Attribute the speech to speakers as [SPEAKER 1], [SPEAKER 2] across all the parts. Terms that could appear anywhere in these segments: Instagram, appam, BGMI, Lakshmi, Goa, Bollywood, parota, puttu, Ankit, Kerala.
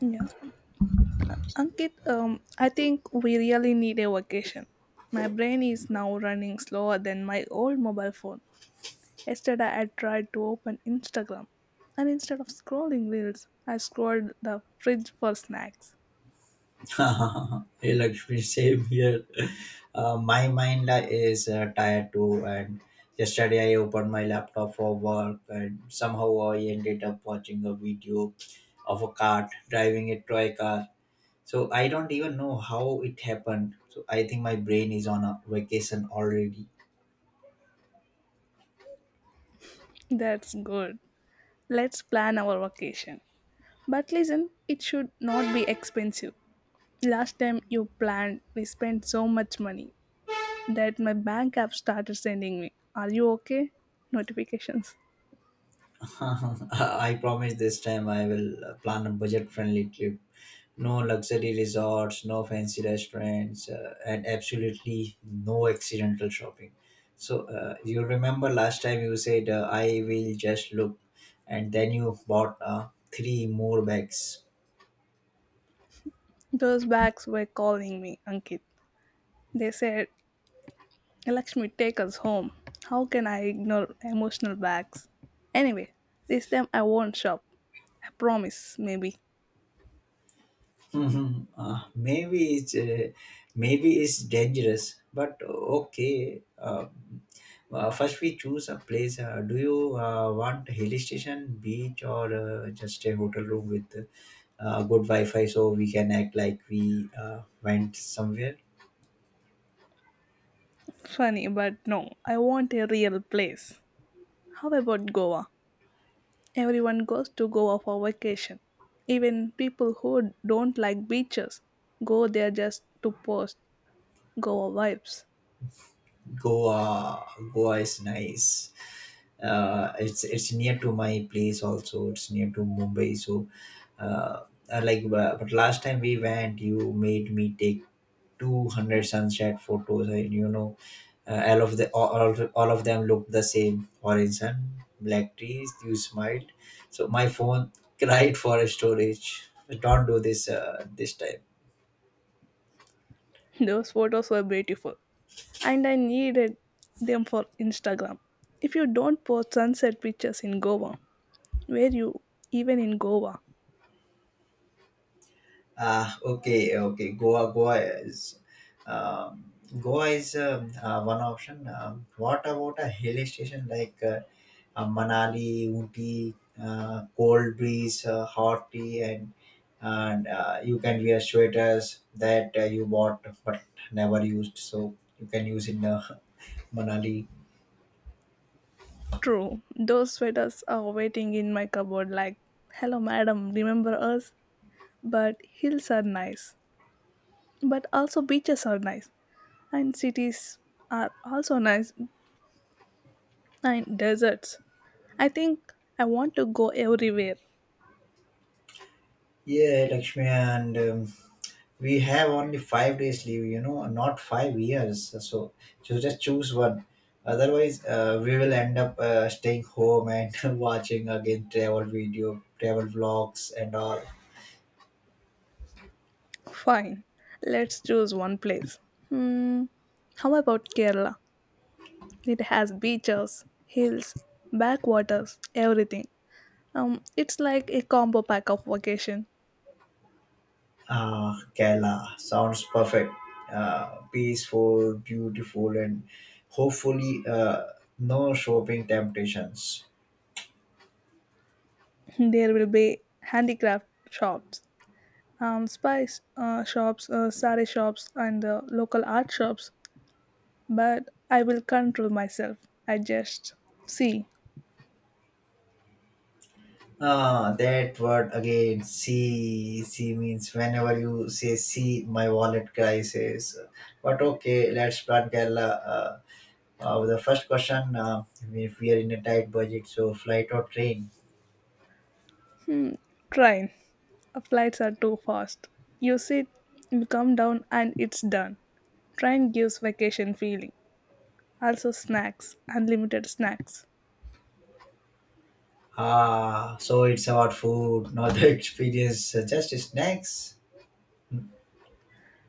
[SPEAKER 1] Yeah. Ankit, I think we really need a vacation. My brain is now running slower than my old mobile phone. Yesterday, I tried to open Instagram, and instead of scrolling reels, I scrolled the fridge for snacks.
[SPEAKER 2] Hey Lakshmi, same here. My mind is tired too, and yesterday I opened my laptop for work, and somehow I ended up watching a video of a cart driving a toy car. So I don't even know how it happened. So I think my brain is on a vacation already.
[SPEAKER 1] That's good. Let's plan our vacation. But listen, it should not be expensive. Last time you planned, we spent so much money that my bank app started sending me, "Are you okay?" notifications.
[SPEAKER 2] I promise this time I will plan a budget-friendly trip. No luxury resorts, no fancy restaurants, and absolutely no accidental shopping. So you remember last time you said I will just look, and then you bought three more bags.
[SPEAKER 1] Those bags were calling me, Ankit. They said, "Lakshmi, take us home." How can I ignore emotional bags? Anyway, this time I won't shop. I promise, maybe.
[SPEAKER 2] Mhm. Maybe it's maybe it's dangerous, but okay. First, we choose a place. Do you want hill station, beach, or just a hotel room with good Wi-Fi so we can act like we went somewhere?
[SPEAKER 1] Funny, but no, I want a real place. How about Goa? Everyone goes to Goa for vacation. Even people who don't like beaches go there just to post Goa vibes.
[SPEAKER 2] Goa, Goa, is nice. It's near to my place also. It's near to Mumbai, so uh, I like. But last time we went, you made me take 200 sunset photos, and you know, all of the all of them looked the same: orange sun, black trees. You smiled, so my phone cried for storage. Don't do this this time.
[SPEAKER 1] Those photos were beautiful, and I needed them for Instagram. If you don't post sunset pictures in Goa, where you even in Goa?
[SPEAKER 2] Ah, okay, okay. Um, Goa is one option. What about a hill station like Manali, Ooty, cold breeze, hot tea, and you can wear sweaters that you bought but never used, so you can use in Manali.
[SPEAKER 1] True, those sweaters are waiting in my cupboard like, "Hello madam, remember us?" But hills are nice, but also beaches are nice, and cities are also nice, and deserts. I think I want to go everywhere.
[SPEAKER 2] Yeah, Lakshmi, and we have only 5 days leave, you know, not five years, so just choose one, otherwise we will end up staying home and watching again travel vlogs and all.
[SPEAKER 1] Fine, let's choose one place. Hmm, how about Kerala? It has beaches, hills, backwaters, everything. It's like a combo pack of vacation.
[SPEAKER 2] Ah, Kerala sounds perfect. Peaceful, beautiful, and hopefully no shopping temptations.
[SPEAKER 1] There will be handicraft shops, spice shops, sari shops, and local art shops. But I will control myself. I just see.
[SPEAKER 2] Ah, that word again. See, see means whenever you say see, my wallet crisis. But okay, let's plan Kerala. The first question, if we are in a tight budget, so flight or train?
[SPEAKER 1] Hmm, train. Flights are too fast. You sit, you come down, and it's done. Train gives vacation feeling. Also snacks, unlimited snacks.
[SPEAKER 2] Ah, so it's about food, not the experience, just snacks.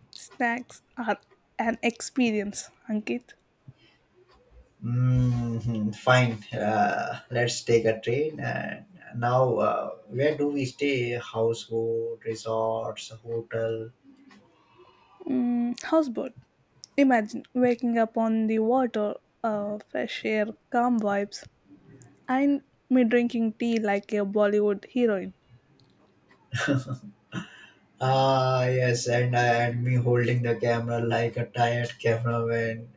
[SPEAKER 1] Snacks are an experience, Ankit.
[SPEAKER 2] Mm, fine. Let's take a train. And now, where do we stay? Houseboat, resorts, hotel.
[SPEAKER 1] Mm, houseboat. Imagine waking up on the water, fresh air, calm vibes, and me drinking tea like a Bollywood heroine.
[SPEAKER 2] Ah, yes, and I and me holding the camera like a tired cameraman.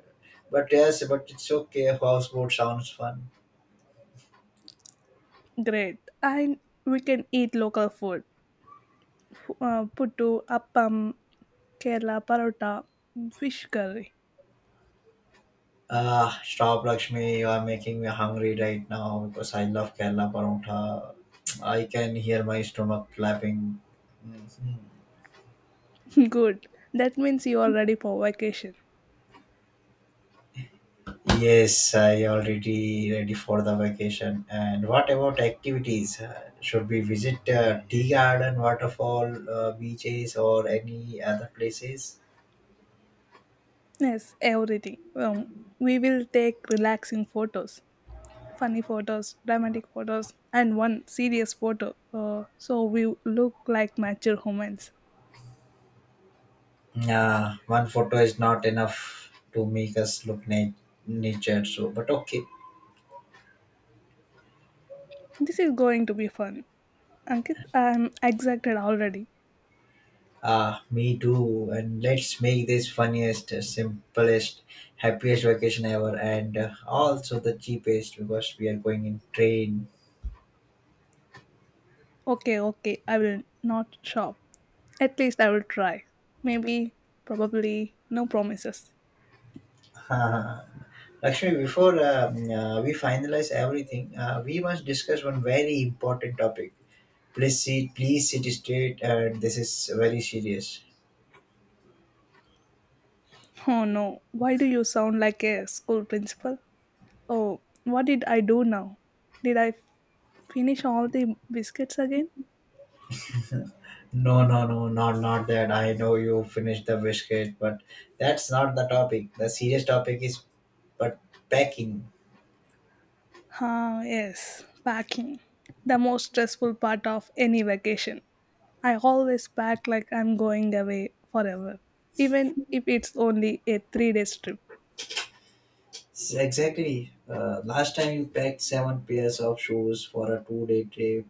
[SPEAKER 2] But yes, but it's okay. Houseboat sounds fun.
[SPEAKER 1] Great. And we can eat local food. Puttu, appam, Kerala parota, fish curry.
[SPEAKER 2] Ah, stop, Lakshmi. You are making me hungry right now because I love Kerala parotha. I can hear my stomach clapping. Mhm.
[SPEAKER 1] Good. That means you are ready for vacation.
[SPEAKER 2] Yes, I already ready for the vacation. And what about activities? Should we visit tea garden, waterfall, beaches, or any other places?
[SPEAKER 1] Yes, everything. We will take relaxing photos, funny photos, dramatic photos, and one serious photo. So we look like mature humans.
[SPEAKER 2] Yeah, one photo is not enough to make us look nature. So, but okay.
[SPEAKER 1] This is going to be fun. Ankit, I'm excited already.
[SPEAKER 2] Ah, me too. And let's make this funniest, simplest, happiest vacation ever, and also the cheapest because we are going in train.
[SPEAKER 1] Okay, okay, I will not shop. At least I will try. Maybe, probably, no promises.
[SPEAKER 2] Lakshmi, before we finalize everything, we must discuss one very important topic. Please sit straight, and this is very serious.
[SPEAKER 1] Oh no, why do you sound like a school principal? Oh, what did I do now? Did I finish all the biscuits again?
[SPEAKER 2] No, no, no, not that. I know you finished the biscuit, but that's not the topic. The serious topic is but packing.
[SPEAKER 1] Ah, yes, packing. The most stressful part of any vacation. I always pack like I'm going away forever, even if it's only a 3 day trip.
[SPEAKER 2] Exactly. Last time you packed seven pairs of shoes for a two-day trip.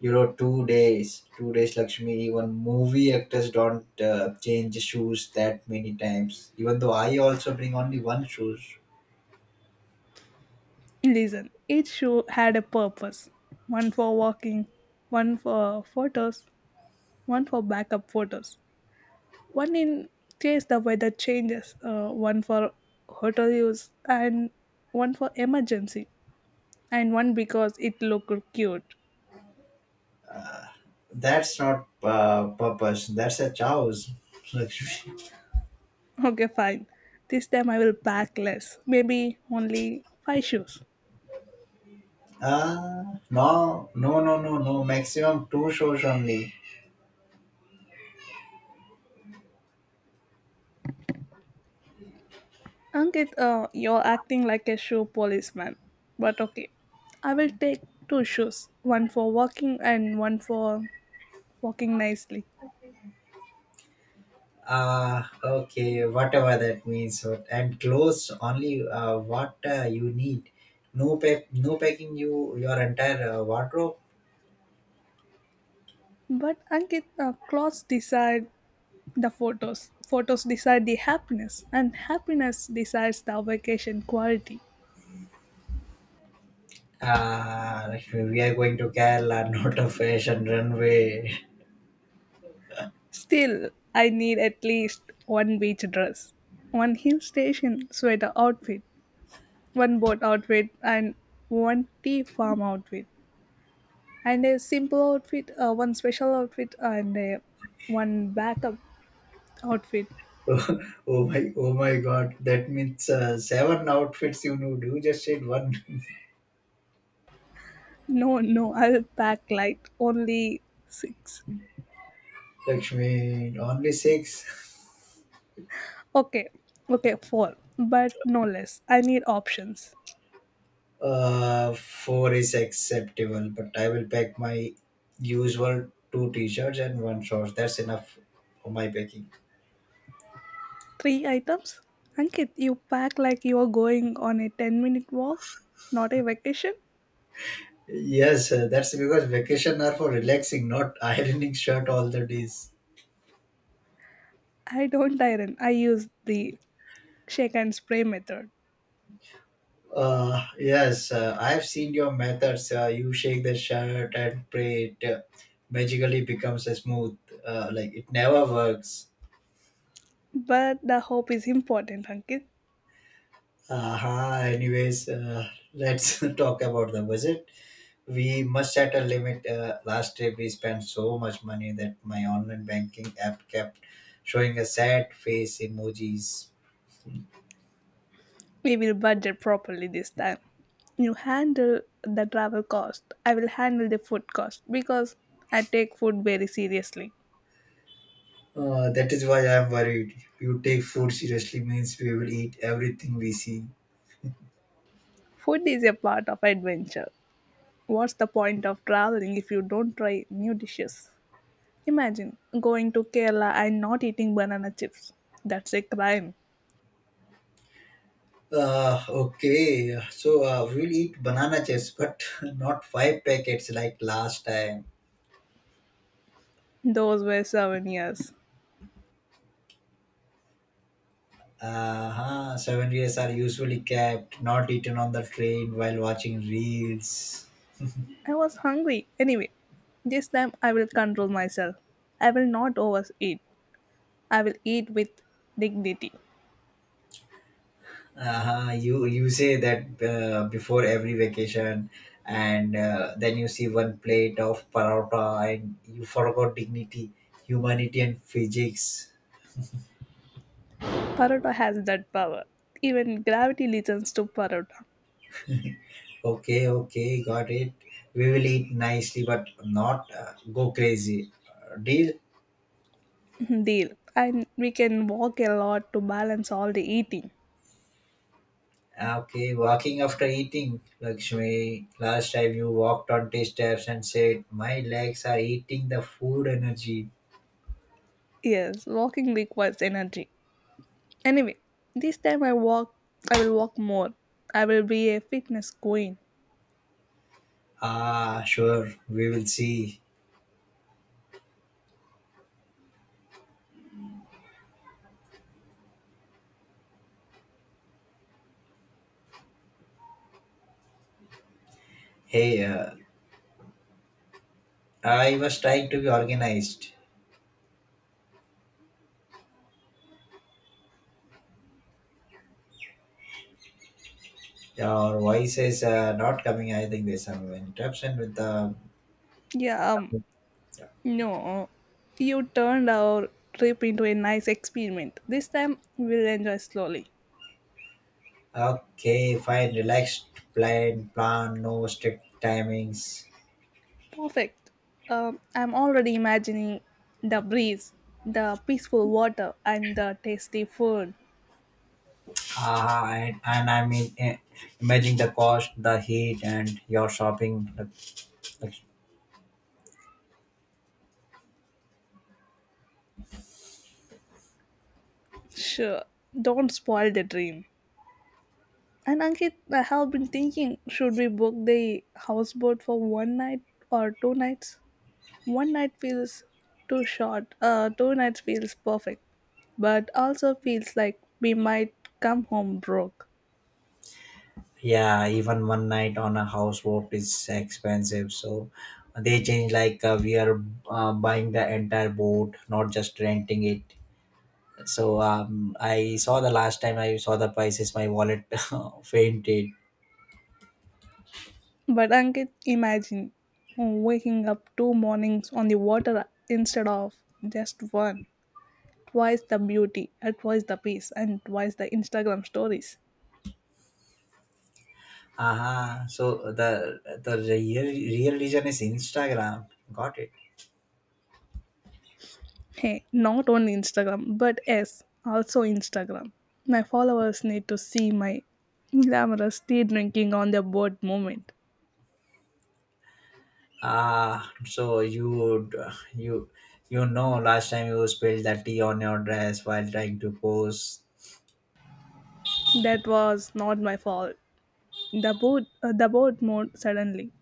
[SPEAKER 2] You know, 2 days, 2 days, Lakshmi. Even movie actors don't change shoes that many times. Even though I also bring only one shoes.
[SPEAKER 1] Listen, each shoe had a purpose: one for walking, one for photos, one for backup photos, one in case the weather changes, one for hotel use, and one for emergency, and one because it looked cute.
[SPEAKER 2] That's not purpose. That's a choice, Lakshmi.
[SPEAKER 1] Okay, fine. This time I will pack less. Maybe only five shoes.
[SPEAKER 2] No. Maximum two shows only.
[SPEAKER 1] Ankit, you're acting like a shoe policeman. But okay, I will take two shoes, one for walking and one for walking nicely.
[SPEAKER 2] Okay, whatever that means. And clothes only what you need. No pack, no packing you your entire wardrobe.
[SPEAKER 1] But Ankit, clothes decide the photos. Photos decide the happiness, and happiness decides the vacation quality.
[SPEAKER 2] Like we are going to Kerala, not a fashion runway.
[SPEAKER 1] Still, I need at least one beach dress, one hill station sweater outfit, one boat outfit and one tea farm outfit and a simple outfit one special outfit and a one backup outfit.
[SPEAKER 2] Oh my God! That means seven outfits you need. You just said one,
[SPEAKER 1] No, no. I'll pack like only six.
[SPEAKER 2] Lakshmi. Only six.
[SPEAKER 1] Okay, okay, four, but no less. I need options.
[SPEAKER 2] Four is acceptable, but I will pack my usual two t-shirts and one shorts. That's enough for my packing.
[SPEAKER 1] Three items. Ankit, you pack like you're going on a 10-minute walk, not a vacation.
[SPEAKER 2] Yes, that's because vacation are for relaxing, not ironing shirt all the days.
[SPEAKER 1] I don't iron, I use the shake and spray method.
[SPEAKER 2] Yes, I have seen your methods. You shake the shirt and pray it magically becomes a smooth. Like it never works.
[SPEAKER 1] But the hope is important, Ankit.
[SPEAKER 2] Uh-huh. Anyways, let's talk about the budget. We must set a limit. Last trip, we spent so much money that my online banking app kept showing a sad face emojis.
[SPEAKER 1] We will budget properly this time. You handle the travel cost. I will handle the food cost because I take food very seriously.
[SPEAKER 2] That is why I'm worried. You take food seriously means we will eat everything we see.
[SPEAKER 1] Food is a part of adventure. What's the point of traveling if you don't try new dishes? Imagine going to Kerala and not eating banana chips. That's a crime.
[SPEAKER 2] Okay, so we'll eat banana chips, but not five packets like last time.
[SPEAKER 1] Those were souvenirs.
[SPEAKER 2] Uh-huh. 7 years are usually kept, not eaten on the train while watching reels.
[SPEAKER 1] I was hungry. Anyway, this time I will control myself. I will not overeat. I will eat with dignity.
[SPEAKER 2] You you say that before every vacation, and then you see one plate of paratha, and you forgot dignity, humanity, and physics.
[SPEAKER 1] Parota has that power. Even gravity listens to Parota.
[SPEAKER 2] Okay, okay, got it. We will eat nicely, but not go crazy. Deal.
[SPEAKER 1] Deal. And we can walk a lot to balance all the eating.
[SPEAKER 2] Okay, walking after eating, Lakshmi. Last time you walked on the steps and said, "My legs are eating the food energy."
[SPEAKER 1] Yes, walking requires energy. Anyway, this time I will walk more. I will be a fitness queen.
[SPEAKER 2] Ah, sure, we will see. Hey, uh, I was trying to be organized. Your voice is not coming. I think there's some interruption with the.
[SPEAKER 1] Yeah, um, no. You turned our trip into a nice experiment. This time we'll enjoy slowly.
[SPEAKER 2] Okay, fine. Relaxed plan, no strict timings.
[SPEAKER 1] Perfect. I'm already imagining the breeze, the peaceful water, and the tasty food.
[SPEAKER 2] Ah, and I mean, eh, imagine the cost, the heat, and your shopping. The-
[SPEAKER 1] Sure, don't spoil the dream. And Ankit, I have been thinking, should we book the houseboat for one night or two nights? One night feels too short, two nights feels perfect, but also feels like we might come home broke.
[SPEAKER 2] Yeah, even one night on a houseboat is expensive. So they change like we are buying the entire boat, not just renting it. So I saw the last time I saw the prices, my wallet fainted.
[SPEAKER 1] But Ankit, imagine waking up two mornings on the water instead of just one. Twice the beauty, and twice the peace, and twice the Instagram stories.
[SPEAKER 2] Aha. So the real reason is Instagram. Got it.
[SPEAKER 1] Hey, not only Instagram, but yes, also Instagram. My followers need to see my glamorous tea drinking on the boat moment.
[SPEAKER 2] Ah. so you you you know last time you spilled the tea on your dress while trying to pose.
[SPEAKER 1] That was not my fault. The boat mode suddenly.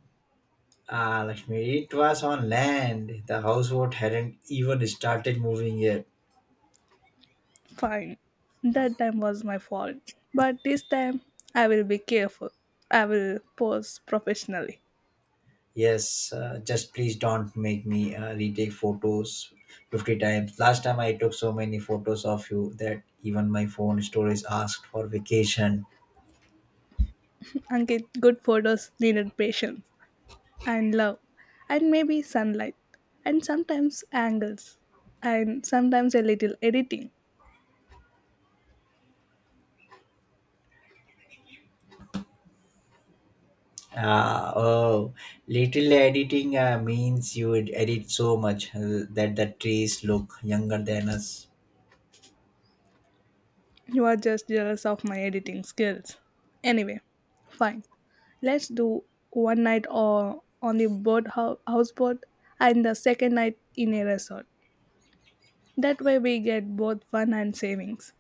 [SPEAKER 2] Ah, Lakshmi, it was on land. The houseboat hadn't even started moving yet.
[SPEAKER 1] Fine, that time was my fault. But this time, I will be careful. I will pose professionally,
[SPEAKER 2] Yes, just please don't make me retake photos 50 times. Last time I took so many photos of you that even my phone storage asked for vacation.
[SPEAKER 1] and good photos needed patience and love and maybe sunlight and sometimes angles and sometimes a little editing.
[SPEAKER 2] Oh, little editing means you would edit so much that the trees look younger than us.
[SPEAKER 1] You are just jealous of my editing skills. Anyway, fine. Let's do one night or on the houseboat and the second night in a resort. That way we get both fun and savings.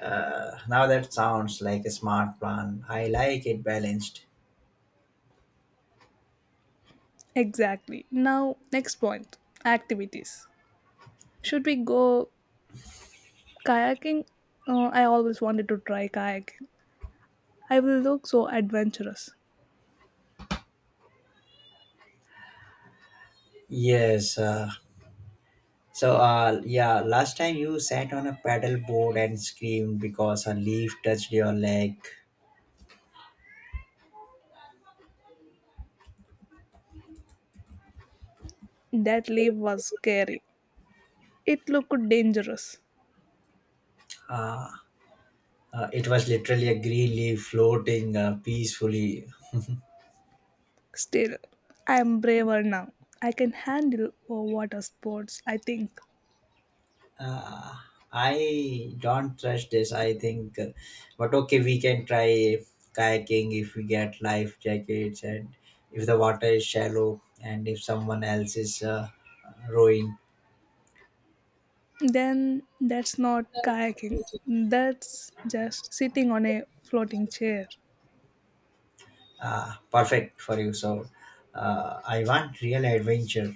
[SPEAKER 2] Now that sounds like a smart plan. I like it balanced.
[SPEAKER 1] Exactly. Now, next point, activities. Should we go kayaking? Oh, I always wanted to try kayaking. I will look so adventurous.
[SPEAKER 2] Yes, uh, So yeah, last time you sat on a paddle board and screamed because a leaf touched your leg.
[SPEAKER 1] That leap was scary. It looked dangerous.
[SPEAKER 2] It was literally a green leaf floating peacefully.
[SPEAKER 1] Still, I am braver now. I can handle oh, water sports, I think.
[SPEAKER 2] Uh, I don't trust this. But okay, we can try kayaking if we get life jackets and if the water is shallow and if someone else is rowing.
[SPEAKER 1] Then that's not kayaking. That's just sitting on a floating chair.
[SPEAKER 2] Perfect for you. So I want real adventure.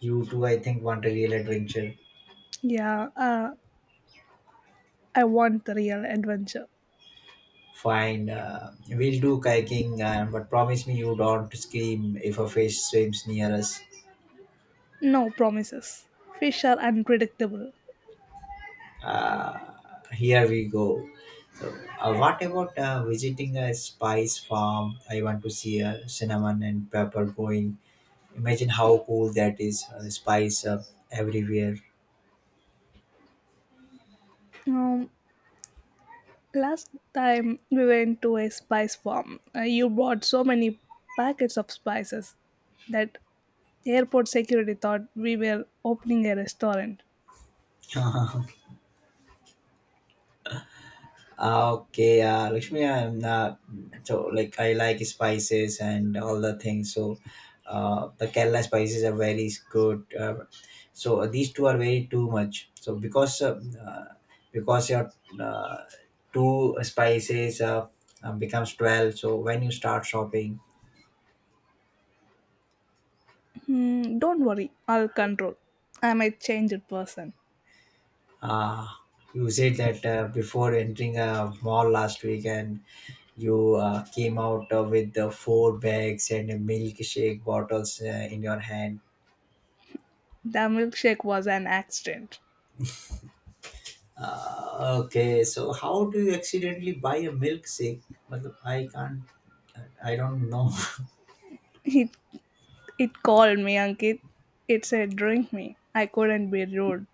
[SPEAKER 2] You too, I think, want a real adventure.
[SPEAKER 1] Yeah, I want the real adventure.
[SPEAKER 2] Fine, we'll do kayaking, but promise me you don't scream if a fish swims near us.
[SPEAKER 1] No promises. Fish are unpredictable.
[SPEAKER 2] Uh, Here we go. So, what about visiting a spice farm? I want to see cinnamon and pepper growing. Imagine how cool that is. Spice everywhere.
[SPEAKER 1] Um, last time we went to a spice farm, you bought so many packets of spices that airport security thought we were opening a restaurant.
[SPEAKER 2] Ah, okay, Lakshmi, I'm not so like I like spices and all the things. So, the Kerala spices are very good. These two are very too much. So uh, because your uh, two spices becomes 12. So when you start shopping,
[SPEAKER 1] Hmm, don't worry, I'll control. I'm a changed person.
[SPEAKER 2] uh, you said that before entering a mall last week, and you came out with the four bags and a milkshake bottles in your hand.
[SPEAKER 1] The milkshake was an accident.
[SPEAKER 2] Okay, so how do you accidentally buy a milkshake? Matlab, I can't, I don't know.
[SPEAKER 1] It it called me, Ankit. It said drink me. I couldn't be rude,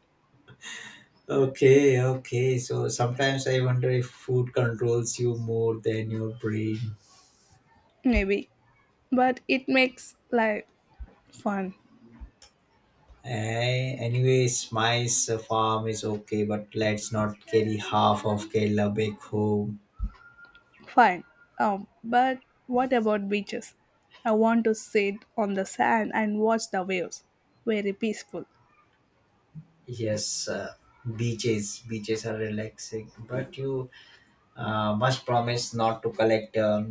[SPEAKER 2] Okay, okay. So sometimes I wonder if food controls you more than your brain.
[SPEAKER 1] maybe, but it makes life fun.
[SPEAKER 2] Eh, anyways, my farm is okay, but let's not carry half of Kerala back home.
[SPEAKER 1] Fine. But what about beaches? I want to sit on the sand and watch the waves. Very peaceful.
[SPEAKER 2] Yes, beaches are relaxing, but you must promise not to collect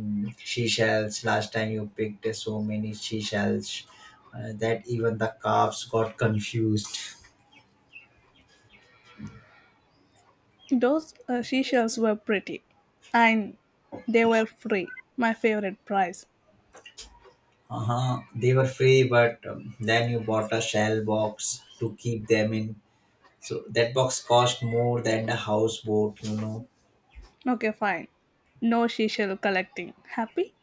[SPEAKER 2] seashells. Last time you picked so many seashells that even the calves got confused.
[SPEAKER 1] Those seashells were pretty. And they were free. My favorite price.
[SPEAKER 2] Uh-huh. They were free, but then you bought a shell box to keep them in. So that box cost more than the houseboat, you know.
[SPEAKER 1] Okay, fine. No seashell collecting. Happy?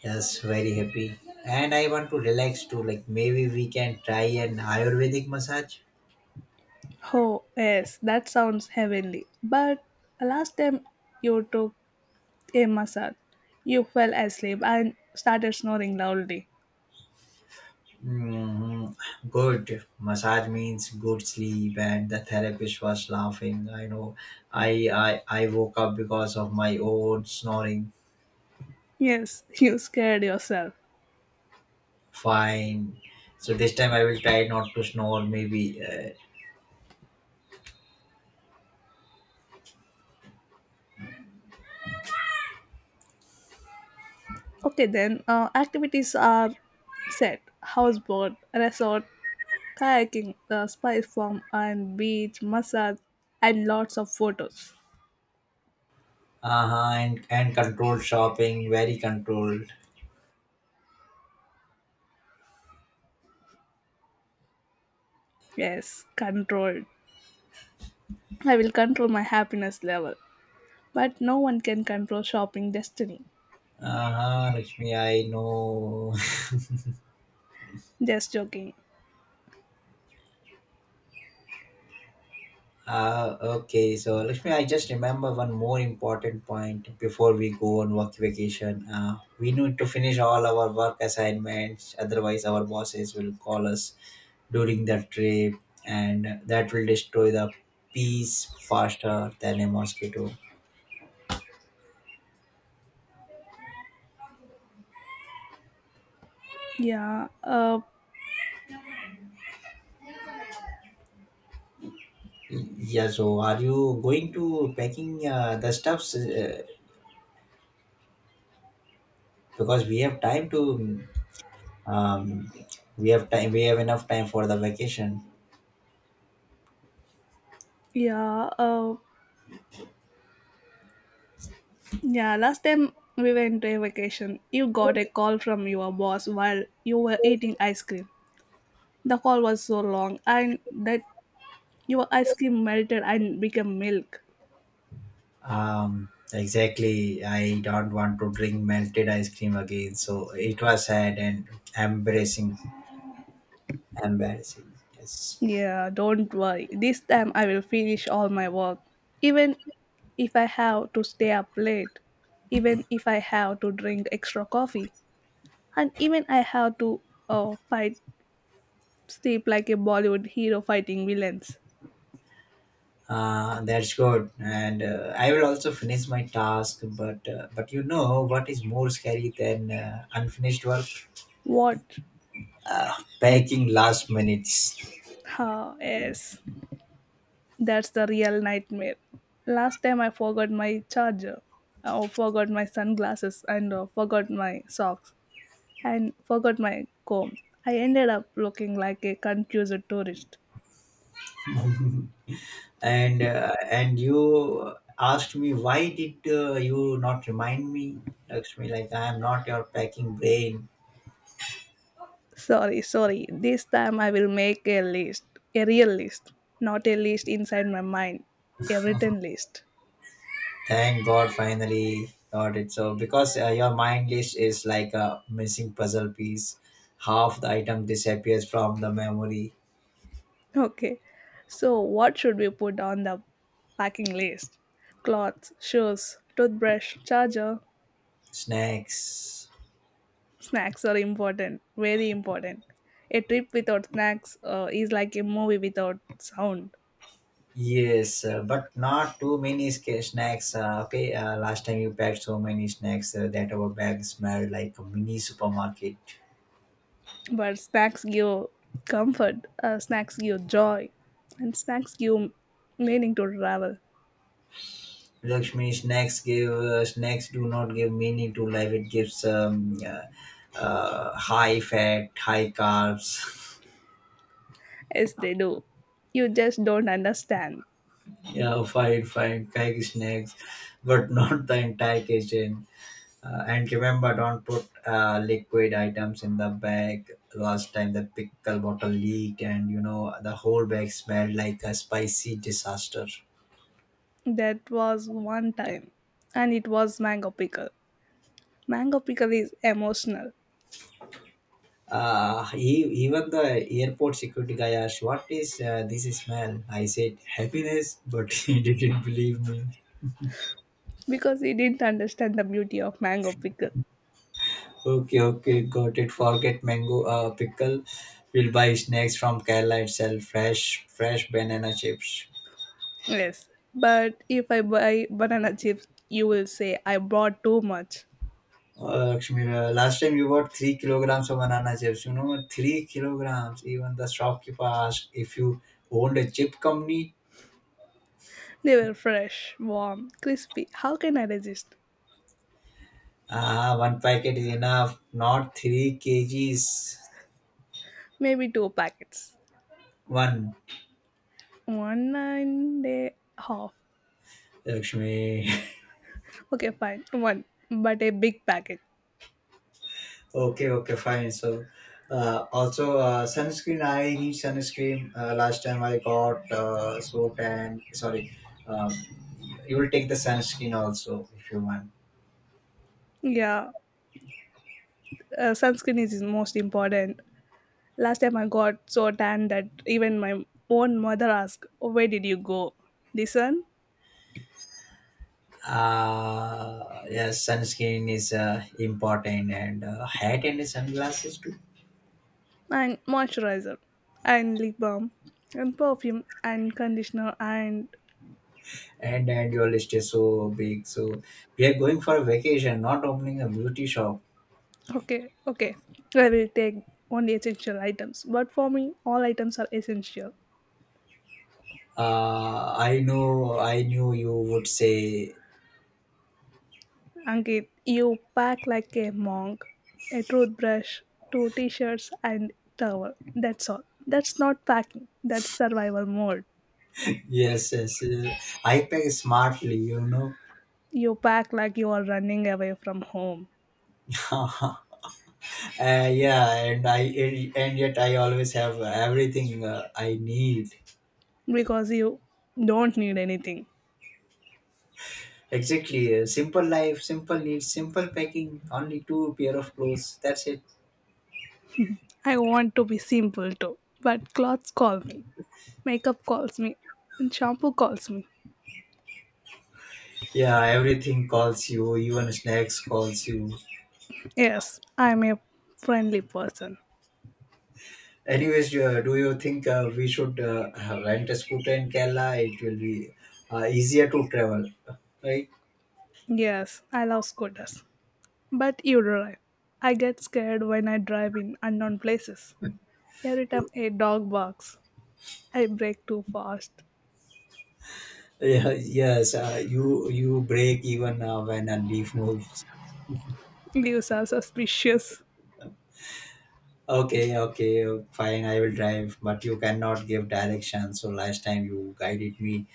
[SPEAKER 2] Yes, very happy. And I want to relax too. Like maybe we can try an Ayurvedic massage.
[SPEAKER 1] Oh, yes, that sounds heavenly. But last time you took a massage, you fell asleep and started snoring loudly.
[SPEAKER 2] Mm, good massage means good sleep and the therapist was laughing, I know. I, I woke up because of my own snoring.
[SPEAKER 1] Yes, you scared yourself.
[SPEAKER 2] Fine, so this time I will try not to snore maybe
[SPEAKER 1] Okay, then activities are set: houseboat, resort, kayaking, the spice farm, and beach, massage, and lots of photos.
[SPEAKER 2] uh-huh and controlled shopping very controlled
[SPEAKER 1] Yes, controlled. I will control my happiness level. But no one can control shopping destiny.
[SPEAKER 2] uh-huh Lakshmi I know.
[SPEAKER 1] Just joking.
[SPEAKER 2] Okay, so Lakshmi, I just remember one more important point before we go on work vacation. We need to finish all our work assignments, otherwise, our bosses will call us during the trip, and that will destroy the peace faster than a mosquito.
[SPEAKER 1] Yeah,
[SPEAKER 2] Yeah, so are you going to packing the stuffs because we have time to um, we have enough time for the vacation.
[SPEAKER 1] yeah, uh, yeah. Last time we went to a vacation, you got a call from your boss while you were eating ice cream. The call was so long, and that your ice cream melted and became milk.
[SPEAKER 2] Exactly. I don't want to drink melted ice cream again. So it was sad and embarrassing. Embarrassing. Yes.
[SPEAKER 1] Yeah, don't worry. This time I will finish all my work. Even if I have to stay up late, even if I have to drink extra coffee, and even I have to fight sleep like a Bollywood hero fighting villains.
[SPEAKER 2] That's good. And I will also finish my task. But but you know what is more scary than unfinished work?
[SPEAKER 1] What?
[SPEAKER 2] Packing last minutes.
[SPEAKER 1] Ah, yes. That's the real nightmare. Last time I forgot my charger, I forgot my sunglasses, and forgot my socks, and forgot my comb. I ended up looking like a confused tourist.
[SPEAKER 2] And and you asked me, why did you not remind me? Lakshmi, like I am not your packing brain.
[SPEAKER 1] Sorry, sorry. This time I will make a list, a real list, not a list inside my mind, a written list.
[SPEAKER 2] Thank God, finally got it. So, because your mind list is like a missing puzzle piece, half the item disappears from the memory.
[SPEAKER 1] Okay, so what should we put on the packing list? Clothes, shoes, toothbrush, charger.
[SPEAKER 2] Snacks.
[SPEAKER 1] Snacks are important, very important. A trip without snacks is like a movie without sound.
[SPEAKER 2] Yes, but not too many snacks. Okay, last time you packed so many snacks that our bag smelled like a mini supermarket.
[SPEAKER 1] But snacks give comfort, snacks give joy, and snacks give meaning to travel.
[SPEAKER 2] Lakshmi, snacks give snacks do not give meaning to life. It gives high fat, high carbs.
[SPEAKER 1] Yes they do, you just don't understand.
[SPEAKER 2] Yeah, fine, fine, cake snacks, but not the entire kitchen. And remember, don't put liquid items in the bag. Last time the pickle bottle leaked, and you know the whole bag smelled like a spicy disaster.
[SPEAKER 1] That was one time, and it was mango pickle. Mango pickle is emotional.
[SPEAKER 2] Even the airport security guy asked, "What is this smell?" I said, "Happiness," but he didn't believe me.
[SPEAKER 1] Because he didn't understand the beauty of mango pickle.
[SPEAKER 2] Okay, okay, got it. Forget mango pickle. We'll buy snacks from Kerala itself. Fresh, fresh banana chips.
[SPEAKER 1] Yes, but if I buy banana chips you will say I bought too much.
[SPEAKER 2] Lakshmi, last time you bought 3 kilograms of banana chips. You know, 3 kilograms. Even the shopkeeper asked if you owned a chip company.
[SPEAKER 1] They were fresh, warm, crispy. How can I resist?
[SPEAKER 2] Ah, one packet is enough. Not three kgs.
[SPEAKER 1] Maybe two packets.
[SPEAKER 2] One,
[SPEAKER 1] One and a half.
[SPEAKER 2] Lakshmi.
[SPEAKER 1] Okay, fine. One, but a big packet.
[SPEAKER 2] Okay, okay, fine. So, also sunscreen. I need sunscreen. Last time I got so tan. Sorry, um, you will take the sunscreen also if you want.
[SPEAKER 1] Yeah, sunscreen is most important. Last time I got so tan that even my own mother asked, "Where did you go? The sun?"
[SPEAKER 2] Yes, sunscreen is important, and hat and sunglasses too.
[SPEAKER 1] And moisturizer. And lip balm. And perfume. And conditioner. And.
[SPEAKER 2] And your list is so big. So we are going for a vacation, not opening a beauty shop.
[SPEAKER 1] Okay, okay. I will take only essential items. But for me, all items are essential.
[SPEAKER 2] I know, I knew you would say
[SPEAKER 1] Ankit, you pack like a monk, a toothbrush, two t shirts, and towel. That's all. That's not packing, that's survival mode.
[SPEAKER 2] yes, yes. I pack smartly, you know.
[SPEAKER 1] You pack like you are running away from home
[SPEAKER 2] Uh-huh. Yeah, and I and yet I always have everything I need.
[SPEAKER 1] because you don't need anything.
[SPEAKER 2] Exactly, simple life, simple needs, simple packing, only two pair of clothes, that's it.
[SPEAKER 1] I want to be simple too, but clothes call me, makeup calls me, and shampoo calls me.
[SPEAKER 2] Yeah, everything calls you, even snacks calls you.
[SPEAKER 1] Yes, I'm a friendly person.
[SPEAKER 2] Anyways, do you think we should rent a scooter in Kerala? It will be easier to travel, right?
[SPEAKER 1] Yes, I love scooters. But you're right. I get scared when I drive in unknown places. Every time a dog barks, I brake too fast.
[SPEAKER 2] yeah yes, you you break even when a leaf moves.
[SPEAKER 1] Leaves are suspicious.
[SPEAKER 2] Okay, okay, fine. I will drive, but you cannot give directions. So last time you guided me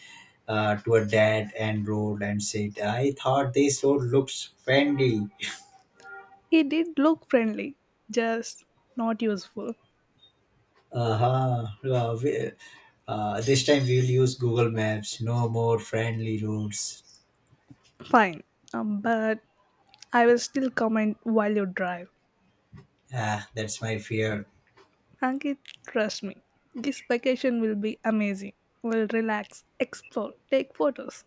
[SPEAKER 2] to a dead end road and said, "I thought this road looks friendly."
[SPEAKER 1] He did look friendly, just not useful.
[SPEAKER 2] Uh-huh. Uh, we- this time we will use Google Maps. No more friendly roads.
[SPEAKER 1] Fine, but I will still comment while you drive.
[SPEAKER 2] Ah, that's my fear.
[SPEAKER 1] Ankit, trust me, this vacation will be amazing. We'll relax, explore, take photos,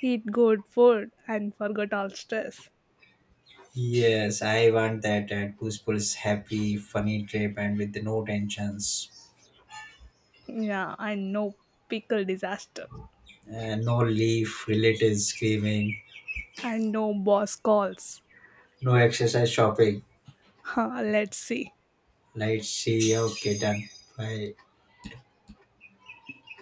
[SPEAKER 1] eat good food, and forget all stress.
[SPEAKER 2] Yes, I want that at Puspul's happy, funny trip and with no tensions,
[SPEAKER 1] Yeah, I know pickle disaster.
[SPEAKER 2] and no leaf relatives screaming,
[SPEAKER 1] And no boss calls.
[SPEAKER 2] no exercise shopping.
[SPEAKER 1] Huh, let's see.
[SPEAKER 2] Let's see. Okay, done. Bye.